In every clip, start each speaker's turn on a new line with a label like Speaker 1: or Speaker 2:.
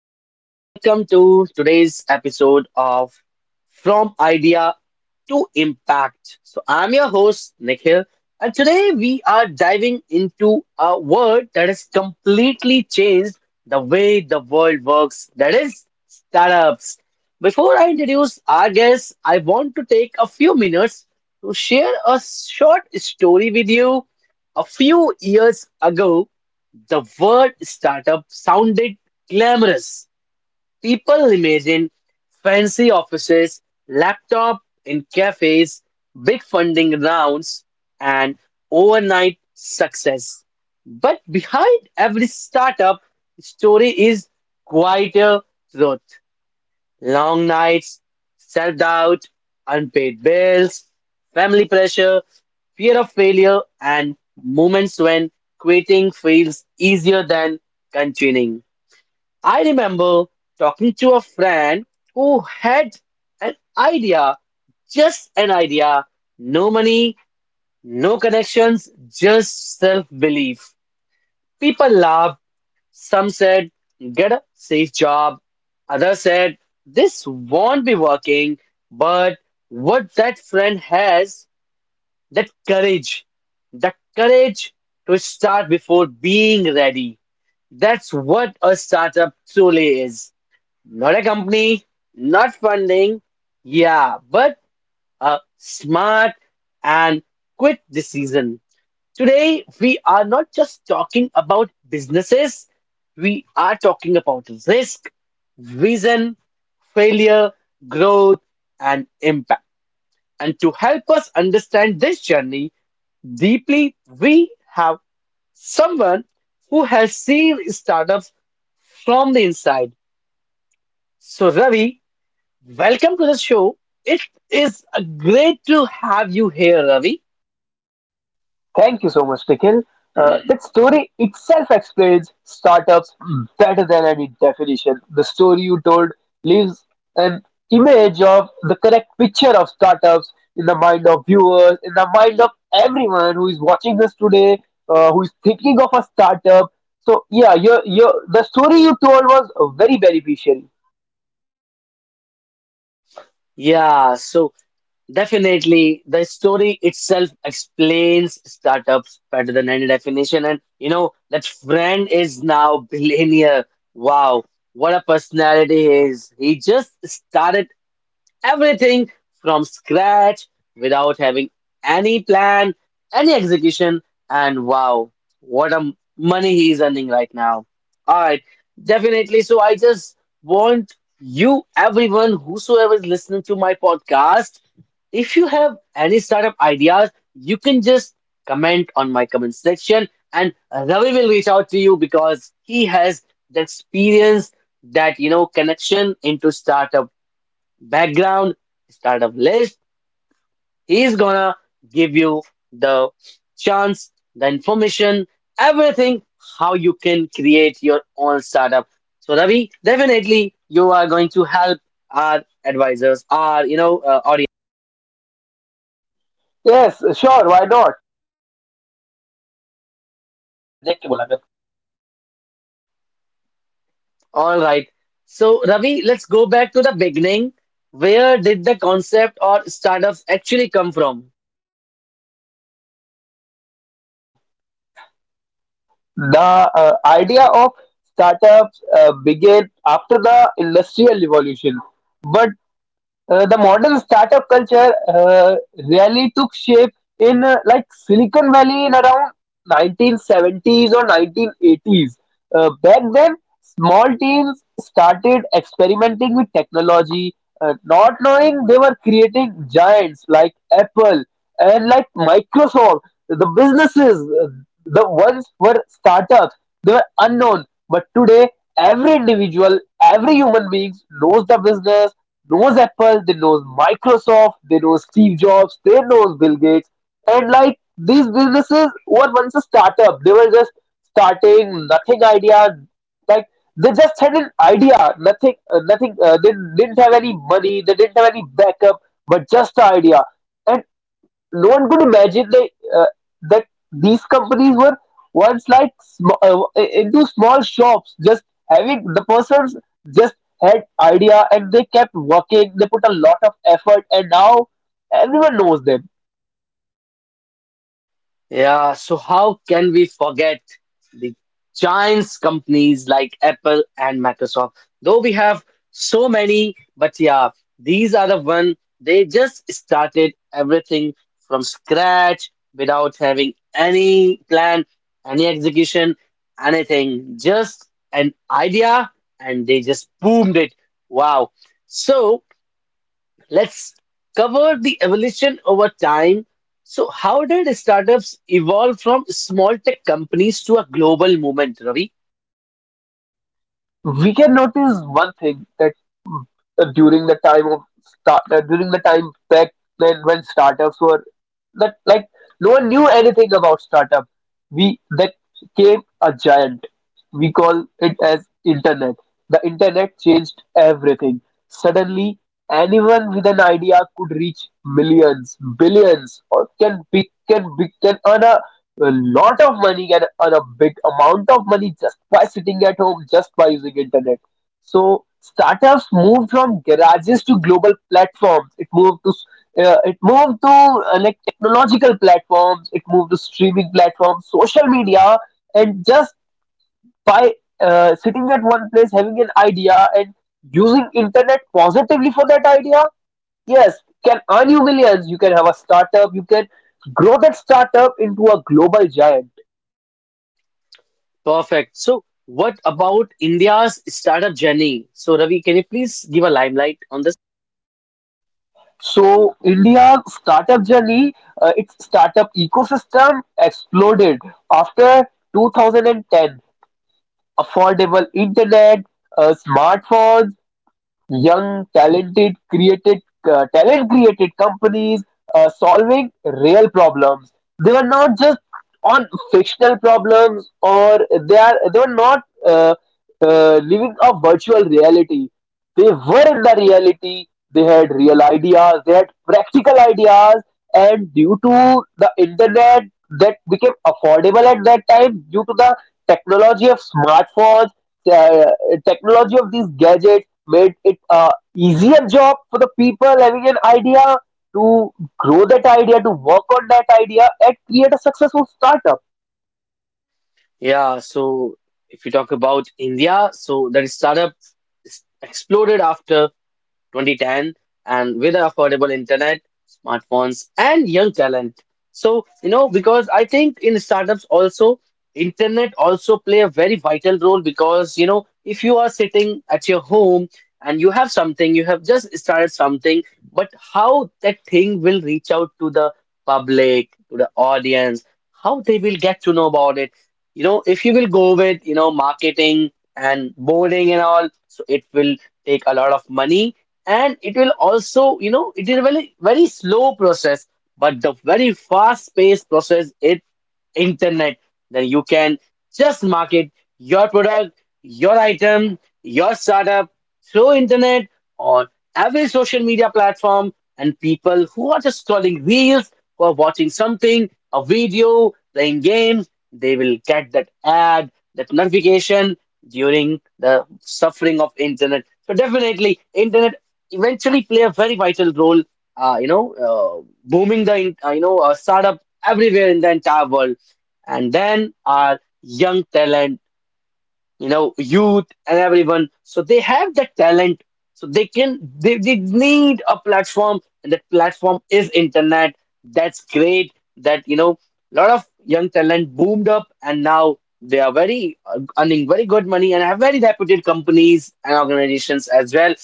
Speaker 1: and welcome to today's episode of From Idea to Impact. So, I'm your host, Nikhil, and today we are diving into a word that has completely changed the way the world works, that is, startups. Before I introduce our guest, I want to take a few minutes to share a short story with you. A few years ago, the word startup sounded glamorous. People imagined fancy offices, laptop in cafes, big funding rounds, and overnight success. But behind every startup story is quite a truth. Long nights, self doubt, unpaid bills, family pressure, fear of failure, and moments when quitting feels easier than continuing. I remember talking to a friend who had an idea, just an idea, no money, no connections, just self belief. People laughed, some said, get a safe job. Others said, this won't be working. But what that friend has, that courage, the courage to start before being ready. That's what a startup truly is. Not a company, not funding, yeah, but a smart and quick decision. Today, we are not just talking about businesses, we are talking about risk, vision, failure, growth, and impact. And to help us understand this journey deeply, we have someone who has seen startups from the inside. So, Ravi, welcome to the show. It is great to have you here, Ravi.
Speaker 2: Thank you so much, Nikhil. That story itself explains startups better than any definition. The story you told leaves an image of the correct picture of startups in the mind of viewers, in the mind of everyone who is watching this today, who is thinking of a startup. So yeah, your the story you told was very beneficial.
Speaker 1: Yeah, so definitely, the story itself explains startups better than any definition. And you know, that friend is now billionaire. Wow, what a personality he is. He just started everything from scratch without having any plan, any execution, and wow, what a money he is earning right now. All right, definitely. So I just want you, everyone, whosoever is listening to my podcast, if you have any startup ideas, you can just comment on my comment section, and Ravi will reach out to you because he has the experience, that you know connection into startup background, startup list. He's gonna give you the chance, the information, everything, how you can create your own startup. So Ravi, definitely you are going to help our advisors, our, you know, audience.
Speaker 2: Yes, sure, why not? देख लिया कर देख के बोला
Speaker 1: All right. So Ravi, let's go back to the beginning. Where did the concept or startups actually come from?
Speaker 2: The idea of startups began after the Industrial Revolution, but the modern startup culture really took shape in like Silicon Valley in around 1970s or 1980s. Back then, small teams started experimenting with technology, not knowing they were creating giants like Apple and like Microsoft. The businesses, the ones were startups, they were unknown. But today, every individual, every human being knows the business, knows Apple, they knows Microsoft, they know Steve Jobs, they knows Bill Gates, and like these businesses were once a startup. They were just starting, nothing idea. Like they just had an idea, nothing, nothing. They didn't have any money, they didn't have any backup, but just the idea. And no one could imagine uh, that these companies were once like into small shops, just having the persons just had idea, and they kept working, they put a lot of effort, and now everyone knows them.
Speaker 1: Yeah, so how can we forget the giants companies like Apple and Microsoft? Though we have so many, but yeah, these are the one they just started everything from scratch without having any plan, any execution, anything, just an idea, and they just boomed it. Wow. So let's cover the evolution over time. So, how did startups evolve from small tech companies to a global movement, Ravi?
Speaker 2: We can notice one thing, that during the time back then when startups were that, like no one knew anything about startup. We that came a giant. We call it as internet. The internet changed everything. Suddenly, anyone with an idea could reach millions, billions, or can be can be can earn a lot of money, can earn a big amount of money just by sitting at home, just by using internet. So startups moved from garages to global platforms. It moved to like technological platforms, it moved to streaming platforms, social media, and just by sitting at one place having an idea and using internet positively for that idea, yes, can earn you millions. You can have a startup, you can grow that startup into a global giant.
Speaker 1: Perfect. So, what about India's startup journey? So, Ravi, can you please give a limelight on this?
Speaker 2: So India's startup journey, its startup ecosystem exploded after 2010. Affordable internet, smartphones, young talented created talent created companies solving real problems. They were not just on fictional problems, or they were not living a virtual reality, they were in the reality. They had real ideas, they had practical ideas, and due to the internet that became affordable at that time, due to the technology of smartphones, uh, technology of these gadgets made it a easier job for the people having an idea to grow that idea, to work on that idea, and create a successful startup.
Speaker 1: Yeah, so if you talk about India, so that startup exploded after 2010 and with affordable internet, smartphones, and young talent. So, you know, because I think in startups also, internet also play a very vital role because, you know, if you are sitting at your home and you have something, you have just started something, but how that thing will reach out to the public, to the audience, how they will get to know about it. You know, if you will go with, you know, marketing and boarding and all, so it will take a lot of money and it will also, you know, it is a very very slow process, but the very fast paced process is internet. Then you can just market your product, your item, your startup through internet on every social media platform, and people who are just scrolling reels, who are watching something, a video, playing games, they will get that ad, that notification during the suffering of internet. So definitely internet eventually play a very vital role, you know, booming you know, startup everywhere in the entire world. And then our young talent, you know, youth and everyone. So they have that talent. So they need a platform and that platform is internet. That's great that, you know, a lot of young talent boomed up and now they are very earning very good money and have very reputed companies and organizations as well.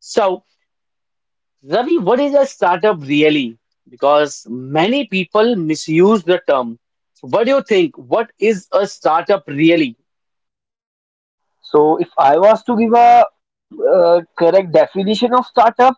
Speaker 1: So, Ravi, what is a startup really? Because many people misuse the term. So what do you think? What is a startup really?
Speaker 2: So, if I was to give a correct definition of startup,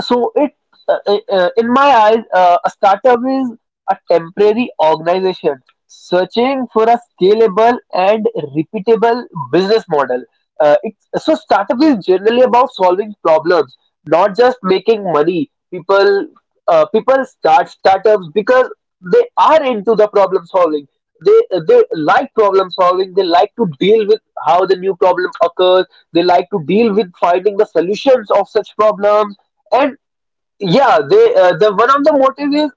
Speaker 2: so it in my eyes, a startup is a temporary organization searching for a scalable and repeatable business model. So startup is generally about solving problems, not just making money. People start startups because they are into the problem solving. They like problem solving, they like to deal with how the new problem occurs, they like to deal with finding the solutions of such problems. And yeah, the one of the motive is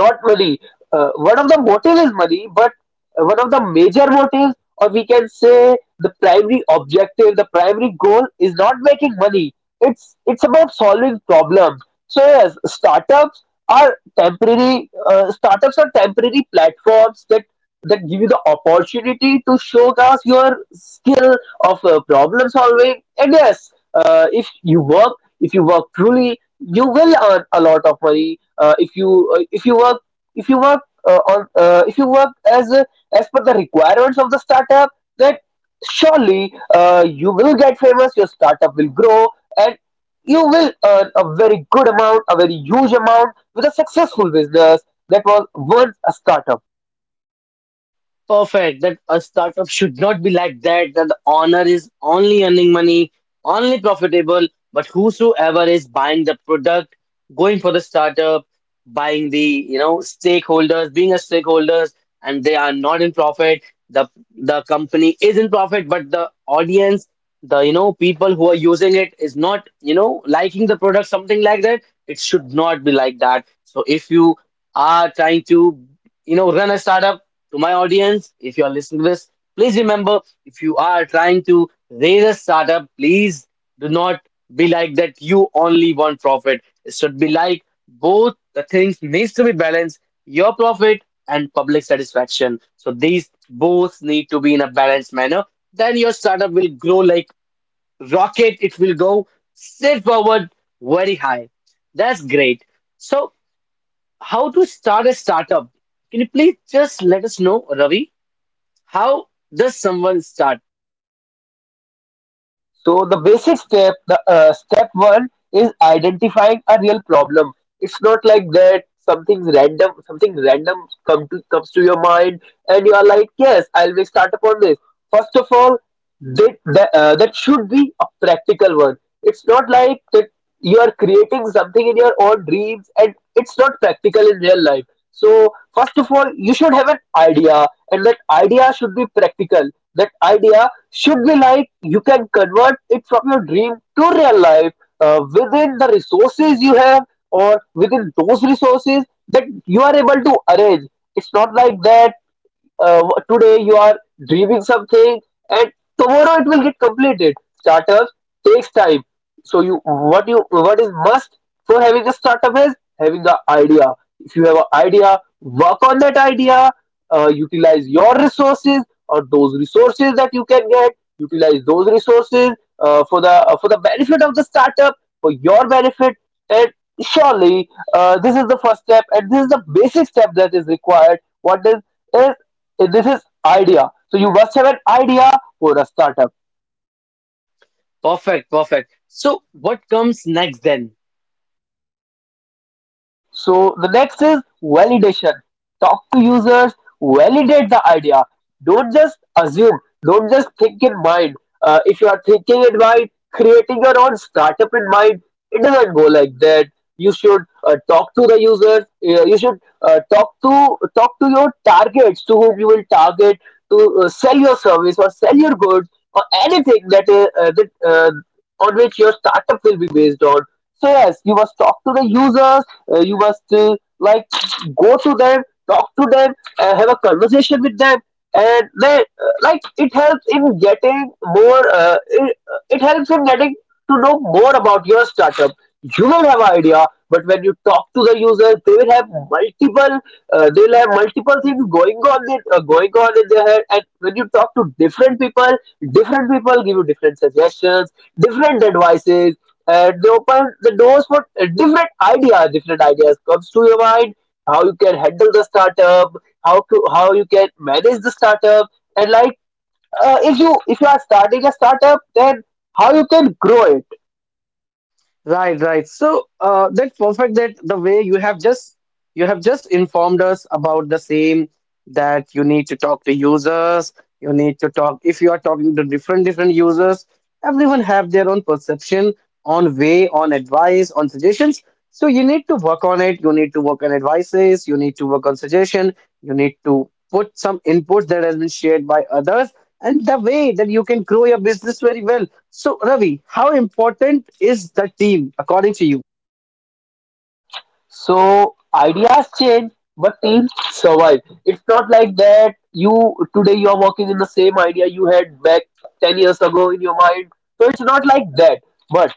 Speaker 2: not money. One of the motive is money, but one of the major motives, or we can say, the primary objective, the primary goal, is not making money. It's about solving problems. So yes, startups are temporary platforms that give you the opportunity to showcase your skill of problem solving. And yes, if you work truly, you will earn a lot of money. Uh, if you work on if you work as per the requirements of the startup, then surely, you will get famous, your startup will grow, and you will earn a very good amount, a very huge amount, with a successful business that was once a startup.
Speaker 1: Perfect, that a startup should not be like that, that the owner is only earning money, only profitable, but whosoever is buying the product, going for the startup, buying the, you know, stakeholders, being a stakeholders, and they are not in profit. the the company is in profit, but the audience, the, you know, people who are using it is not, you know, liking the product, something like that. It should not be like that. So if you are trying to, you know, run a startup, to my audience, if you are listening to this, please remember, if you are trying to raise a startup, please do not be like that you only want profit. It should be like both the things needs to be balanced, your profit and public satisfaction. So these both need to be in a balanced manner. Then your startup will grow like rocket. It will go straight forward, very high. That's great. So how to start a startup? Can you please just let us know, Ravi? How does someone start?
Speaker 2: So the basic step, the step one is identifying a real problem. It's not like that something random come to, comes to your mind, and you are like, yes, I'll make startup on this. First of all, that should be a practical one. It's not like that you are creating something in your own dreams and it's not practical in real life. So first of all, you should have an idea, and that idea should be practical. That idea should be like you can convert it from your dream to real life within the resources you have, or within those resources that you are able to arrange. It's not like that uh, today you are dreaming something and tomorrow it will get completed. Startups takes time. So you what is must for having a startup is having the idea. If you have an idea, work on that idea, utilize your resources or those resources that you can get. Utilize those resources for the benefit of the startup, for your benefit. And surely, this is the first step, and this is the basic step that is required. What is This is idea. So you must have an idea for a startup.
Speaker 1: Perfect, perfect. So, what comes next then?
Speaker 2: So the next is validation. Talk to users, validate the idea. Don't just assume, don't just think in mind. If you are thinking in mind, creating your own startup in mind, it doesn't go like that. You should talk to the users. You should talk to your targets, to whom you will target to sell your service or sell your goods, or anything that on which your startup will be based on. So yes, you must talk to the users. You must Like go to them, talk to them, have a conversation with them. And then, like, it helps in getting more, it helps in getting to know more about your startup. You will have idea, but when you talk to the users, they will have multiple, they'll have multiple things going on in their head. And when you talk to different people, different people give you different suggestions, different advices. They open the doors for different ideas. Different ideas comes to your mind, how you can handle the startup, how you can manage the startup, and like, if you are starting a startup, then how you can grow it.
Speaker 1: Right, right. So that's perfect, that the way you have just informed us about the same, that you need to talk to users, you need to talk, if you are talking to different different users, everyone have their own perception on way, on advice, on suggestions. So you need to work on it, you need to work on advices, you need to work on suggestion, you need to put some input that has been shared by others, and the way that you can grow your business very well. So, Ravi, how important is the team according to you?
Speaker 2: So ideas change, but teams survive. It's not like that you today you are working in the same idea you had back 10 years ago in your mind. So it's not like that. But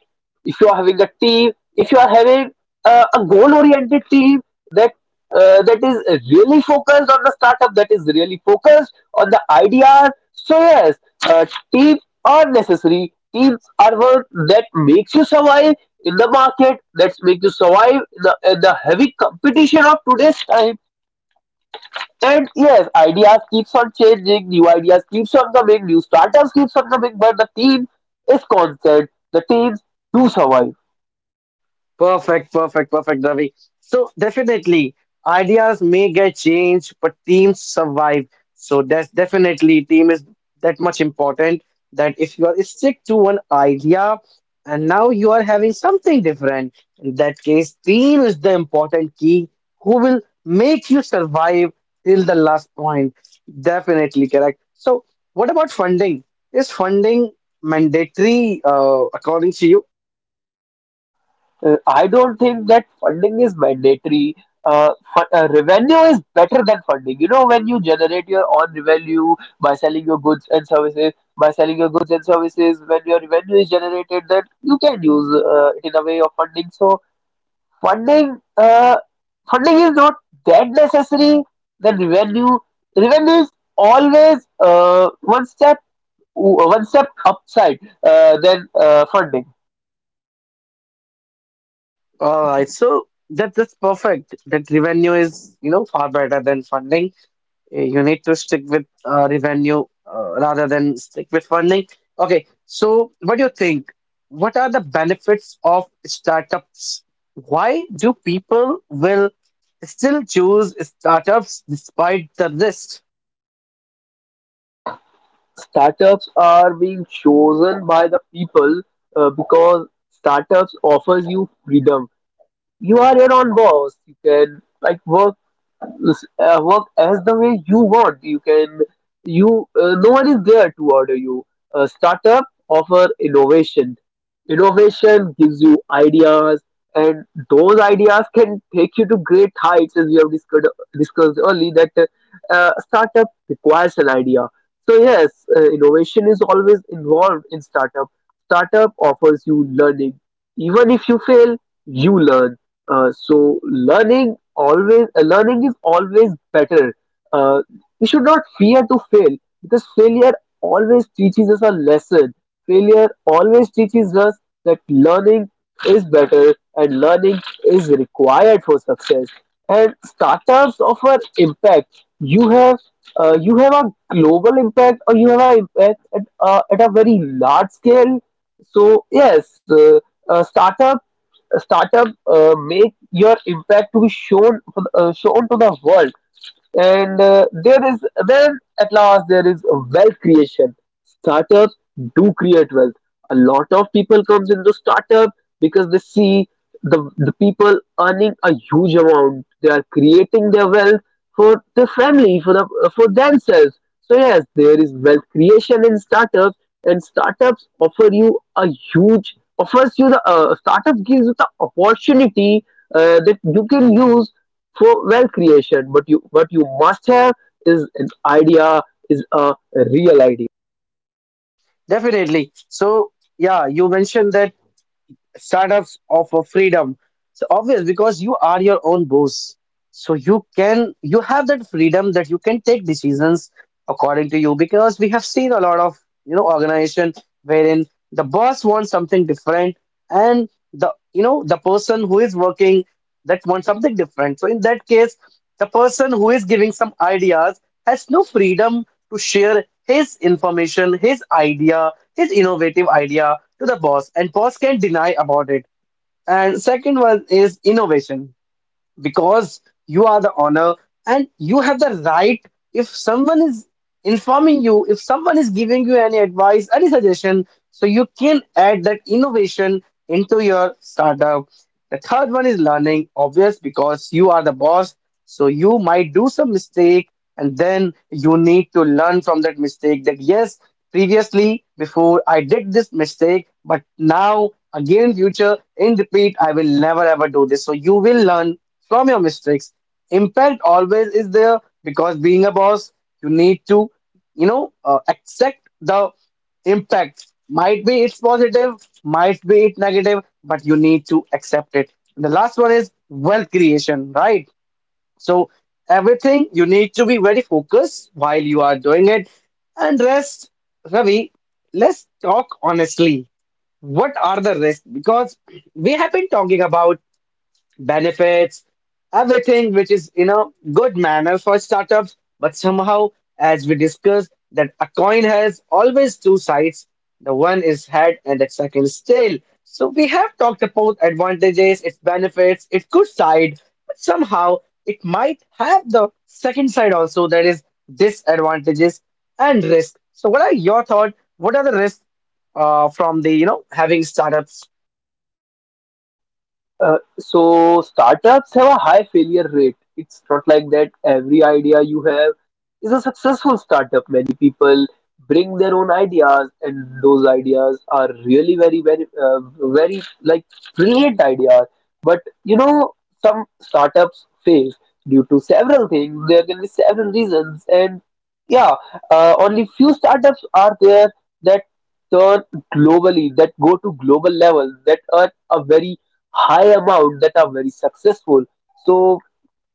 Speaker 2: if you are having a team, if you are having a goal-oriented team that is really focused on the startup, that is really focused on the ideas. So yes, uh, teams are necessary. Teams are what that makes you survive in the market, that's make you survive the, in the heavy competition of today's time. And yes, ideas keeps on changing, new ideas keeps on coming, new startups keeps on coming, but the team is constant. The teams do survive.
Speaker 1: Perfect, perfect, perfect, Ravi. So definitely, ideas may get changed, but teams survive. So that's definitely team is that much important, that if you are stick to one idea and now you are having something different, in that case, team is the important key who will make you survive till the last point. Definitely correct. So what about funding? Is funding mandatory according to you?
Speaker 2: I don't think that funding is mandatory. Revenue is better than funding, you know. When you generate your own revenue by selling your goods and services, when your revenue is generated, then you can use it in a way of funding. So funding uh, funding is not that necessary than revenue. Revenue is always one step upside than funding.
Speaker 1: All right, so that that's perfect. That revenue is, you know, far better than funding. You need to stick with revenue rather than stick with funding. Okay, so what do you think? What are the benefits of startups? Why do people will still choose startups despite the risk?
Speaker 2: Startups are being chosen by the people because startups offers you freedom. You are your own boss. You can like work work as the way you want. No one is there to order you. A startup offer innovation. Innovation gives you ideas, and those ideas can take you to great heights, as we have discussed early. That startup requires an idea. So yes, innovation is always involved in startup. Startup offers you learning. Even if you fail, you learn, so learning is always better. Uh, we should not fear to fail, because failure always teaches us a lesson. Failure always teaches us that learning is better and learning is required for success. And startups offer impact. You have a global impact, or you have an impact at a very large scale. So yes, a startup make your impact to be shown shown to the world, and there is, then at last, there is wealth creation. Startups do create wealth. A lot of people comes into startup because they see the people earning a huge amount, they are creating their wealth for the family, for the, for themselves. So yes, there is wealth creation in startups, and startups offer you a huge, offers you the, startups gives you the opportunity that you can use for wealth creation. But you, what you must have is an idea, is a real idea.
Speaker 1: Definitely. So yeah, you mentioned that startups offer freedom. So obvious because you are your own boss. So you have that freedom that you can take decisions according to you, because we have seen a lot of, you know, organization wherein the boss wants something different and the, you know, the person who is working, that wants something different. So in that case, the person who is giving some ideas has no freedom to share his information, his idea, his innovative idea to the boss and boss can't deny about it. And second one is innovation, because you are the owner and you have the right, if someone is informing you, if someone is giving you any advice, any suggestion, so you can add that innovation into your startup. The third one is learning, obvious because you are the boss, so you might do some mistake, and then you need to learn from that mistake, that yes, previously before I did this mistake, but now again in future, in repeat, I will never ever do this. So you will learn from your mistakes. Impact always is there, because being a boss, you need to, you know, accept the impact. Might be it's positive, might be it negative, but you need to accept it. And the last one is wealth creation, right? So everything you need to be very focused while you are doing it. And rest, Ravi, let's talk honestly. What are the risks? Because we have been talking about benefits, everything which is in a good manner for startups. But somehow, as we discussed, that a coin has always two sides. The one is head and the second is tail. So we have talked about advantages, its benefits, its good side, but somehow it might have the second side also, that is disadvantages and risk. So what are your thoughts? What are the risks from the, you know, having startups?
Speaker 2: So startups have a high failure rate. It's not like that every idea you have is a successful startup. Many people bring their own ideas, and those ideas are really very, very like brilliant ideas. But you know, some startups fail due to several things. There can be several reasons, and yeah, only few startups are there that turn globally, that go to global level, that earn a very high amount, that are very successful. So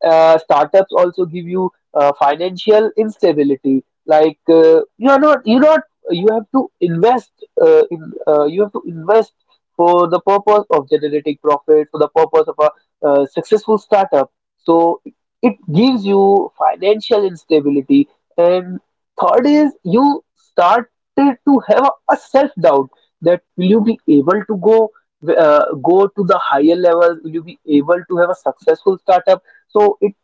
Speaker 2: startups also give you financial instability. Like you are not you not you have to invest in you have to invest for the purpose of generating profit, for the purpose of a successful startup. So it gives you financial instability. And third is, you started to have a self doubt that will you be able to go, go to the higher level, will you be able to have a successful startup. So it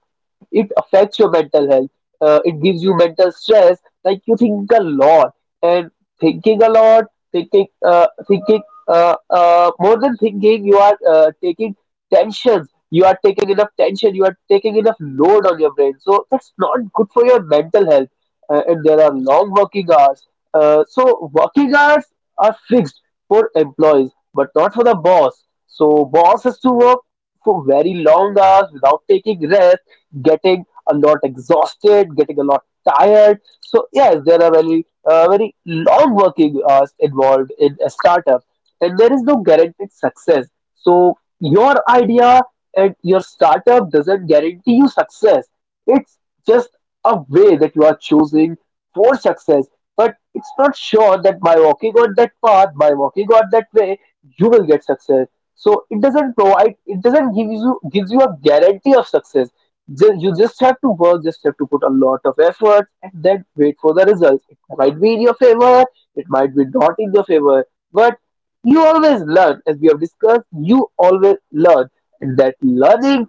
Speaker 2: it affects your mental health. It gives you mental stress. Like you think a lot, and thinking a lot, thinking, uh, thinking, more than thinking, you are taking tensions. You are taking enough tension. You are taking enough load on your brain. So that's not good for your mental health. And there are long working hours. So working hours are fixed for employees, but not for the boss. So boss has to work for very long hours without taking rest, getting a lot exhausted, getting a lot tired. So yes, there are very long working hours involved in a startup, and there is no guaranteed success. So your idea and your startup doesn't guarantee you success. It's just a way that you are choosing for success, but it's not sure that by walking on that path, by walking on that way, you will get success. So it doesn't provide, it doesn't give you, gives you a guarantee of success. You just have to work, just have to put a lot of effort, and then wait for the results. It might be in your favor, it might be not in your favor, but you always learn. As we have discussed, you always learn, and that learning,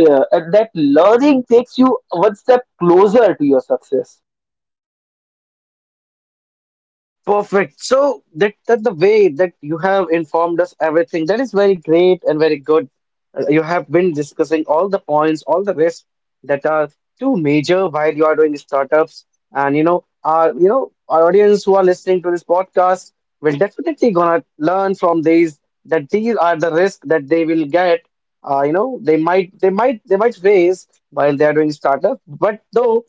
Speaker 2: and that learning takes you one step closer to your success.
Speaker 1: Perfect. So that, that the way that you have informed us everything, that is very great and very good. You have been discussing all the points, all the risks that are too major while you are doing startups. And you know, our audience who are listening to this podcast will definitely gonna learn from these that these are the risks that they will get. They might face while they are doing startup, but though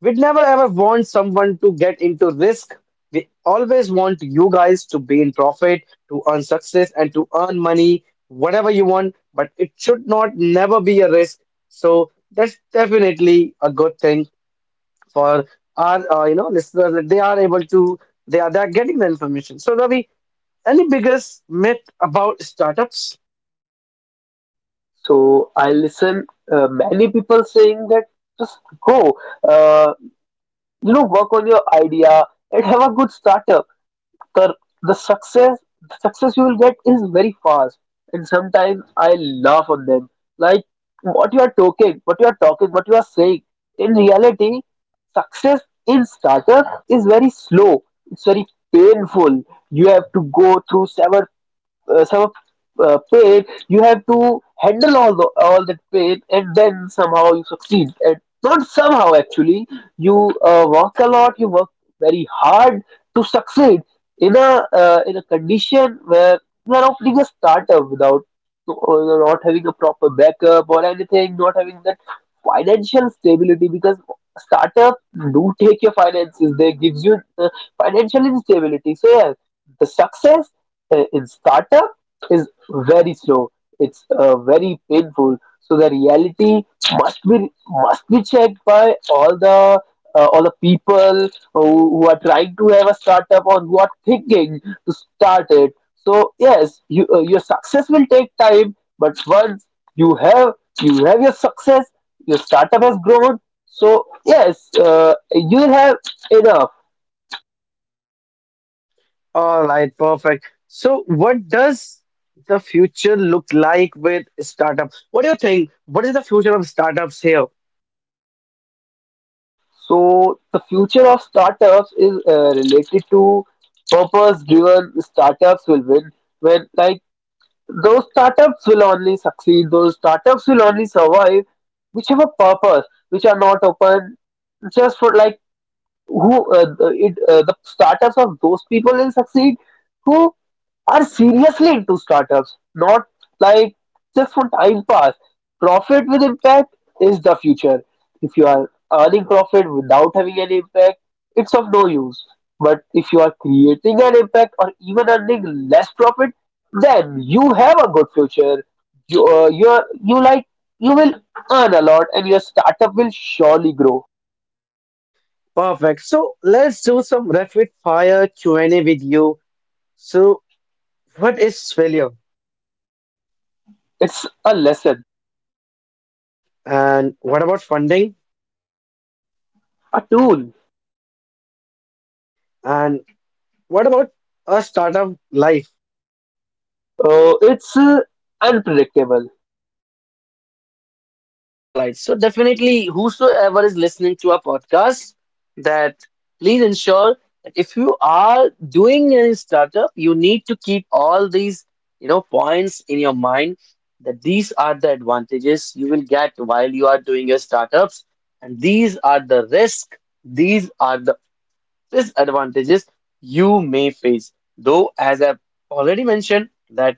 Speaker 1: we'd never ever want someone to get into risk. We always want you guys to be in profit, to earn success, and to earn money, whatever you want, but it should not never be a risk. So that's definitely a good thing for our listeners that they are able to they're getting the information. So Ravi, any biggest myth about startups?
Speaker 2: So I listen many people saying that just go, uh, you know, work on your idea and have a good startup. The the success, the success you will get is very fast. And sometimes I laugh on them, like, what you are talking, what you are talking, what you are saying. In reality, success in startup is very slow. It's very painful. You have to go through several, uh, some of, pain, you have to handle all the, all that pain, and then somehow you succeed. And not somehow actually, you work a lot, you work very hard to succeed in a, in a condition where you are opening a startup without, or not having a proper backup or anything, not having that financial stability, because startup do take your finances, they gives you financial instability. So yeah, the success in startup is very slow. It's very painful. So the reality must be checked by all the people who are trying to have a startup or who are thinking to start it. So yes, you, your success will take time, but once you have, you have your success, your startup has grown. So yes, you have enough.
Speaker 1: All right, perfect. So, what does the future look like with startups? What do you think? What is the future of startups here?
Speaker 2: So the future of startups is related to, purpose-driven startups will win. When, like, those startups will only succeed, those startups will only survive, which have a purpose, which are not open just for, like, who the- it the startups of those people will succeed who are seriously into startups, not like just for time pass. Profit with impact is the future. If you are earning profit without having an impact, it's of no use. But if you are creating an impact or even earning less profit, then you have a good future. You you will earn a lot, and your startup will surely grow.
Speaker 1: Perfect. So, let's do some rapid fire Q&A with you. So, what is failure?
Speaker 2: It's a lesson.
Speaker 1: And what about funding?
Speaker 2: A tool.
Speaker 1: And what about a startup life?
Speaker 2: It's unpredictable.
Speaker 1: All right. So definitely, whosoever is listening to our podcast, that please ensure that if you are doing any startup, you need to keep all these, you know, points in your mind that these are the advantages you will get while you are doing your startups, and these are the risk, these are the disadvantages you may face. Though, as I've already mentioned, that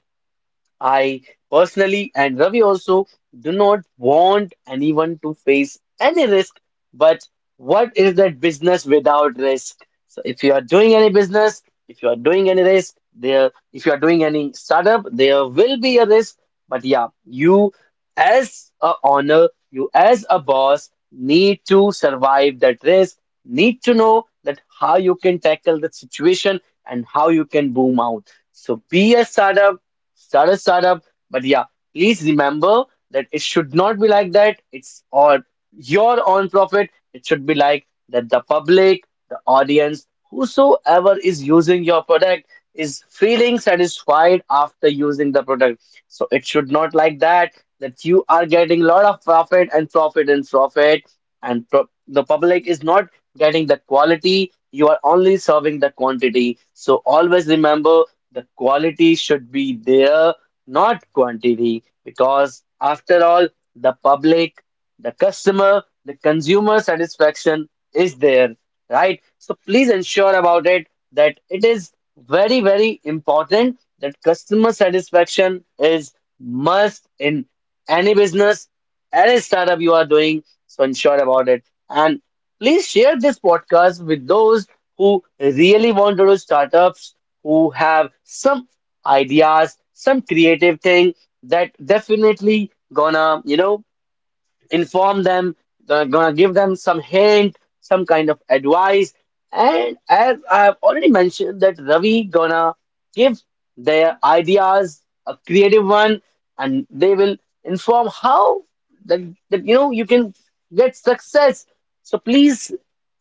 Speaker 1: I personally and Ravi also do not want anyone to face any risk, but what is that business without risk? So if you are doing any business, if you are doing any risk, there if you are doing any startup, there will be a risk. But yeah, you as a owner, you as a boss need to survive that risk, need to know that how you can tackle the situation and how you can boom out. So be a startup start a startup. But yeah, please remember that it should not be like that. It's or your own profit. It should be like that the public, the audience, whosoever is using your product is feeling satisfied after using the product. So it should not like that that you are getting lot of profit and profit and profit and the public is not getting the quality, you are only serving the quantity. So always remember, the quality should be there, not quantity, because after all, the public, the customer, the consumer satisfaction is there, right? So please ensure about it that it is very, very important that customer satisfaction is must in any business, any startup you are doing. So ensure about it. And please share this podcast with those who really want to do startups, who have some ideas, some creative thing that definitely gonna, you know, inform them, gonna give them some hint, some kind of advice. And as I've already mentioned, that Ravi gonna give their ideas a creative one, and they will inform how that, that you know you can get success. So please,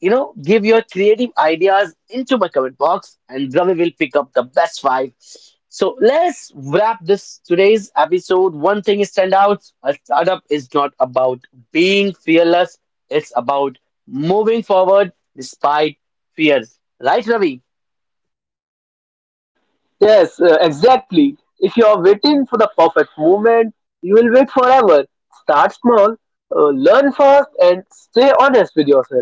Speaker 1: you know, give your creative ideas into my comment box and Ravi will pick up the best five. So let's wrap this today's episode. One thing is stand out. A startup is not about being fearless. It's about moving forward despite fears. Right, Ravi?
Speaker 2: Yes, exactly. If you are waiting for the perfect moment, you will wait forever. Start small, learn fast, and stay honest with yourself.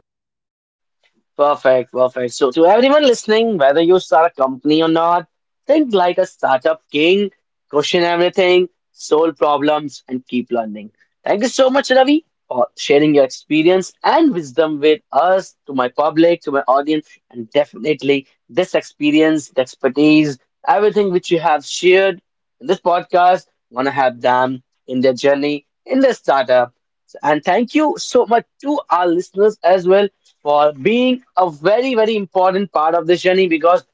Speaker 1: Perfect, perfect. So, to everyone listening, whether you start a company or not, think like a startup king, question everything, solve problems, and keep learning. Thank you so much, Ravi, for sharing your experience and wisdom with us, to my public, to my audience, and definitely this experience, the expertise, everything which you have shared in this podcast, want to have them in their journey in their startup. And thank you so much to our listeners as well for being a very, very important part of this journey because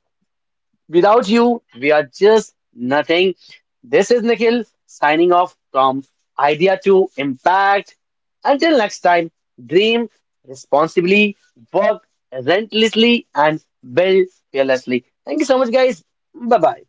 Speaker 1: without you, we are just nothing. This is Nikhil signing off from Idea to Impact. Until next time, dream responsibly, work relentlessly, and build fearlessly. Thank you so much, guys. Bye bye.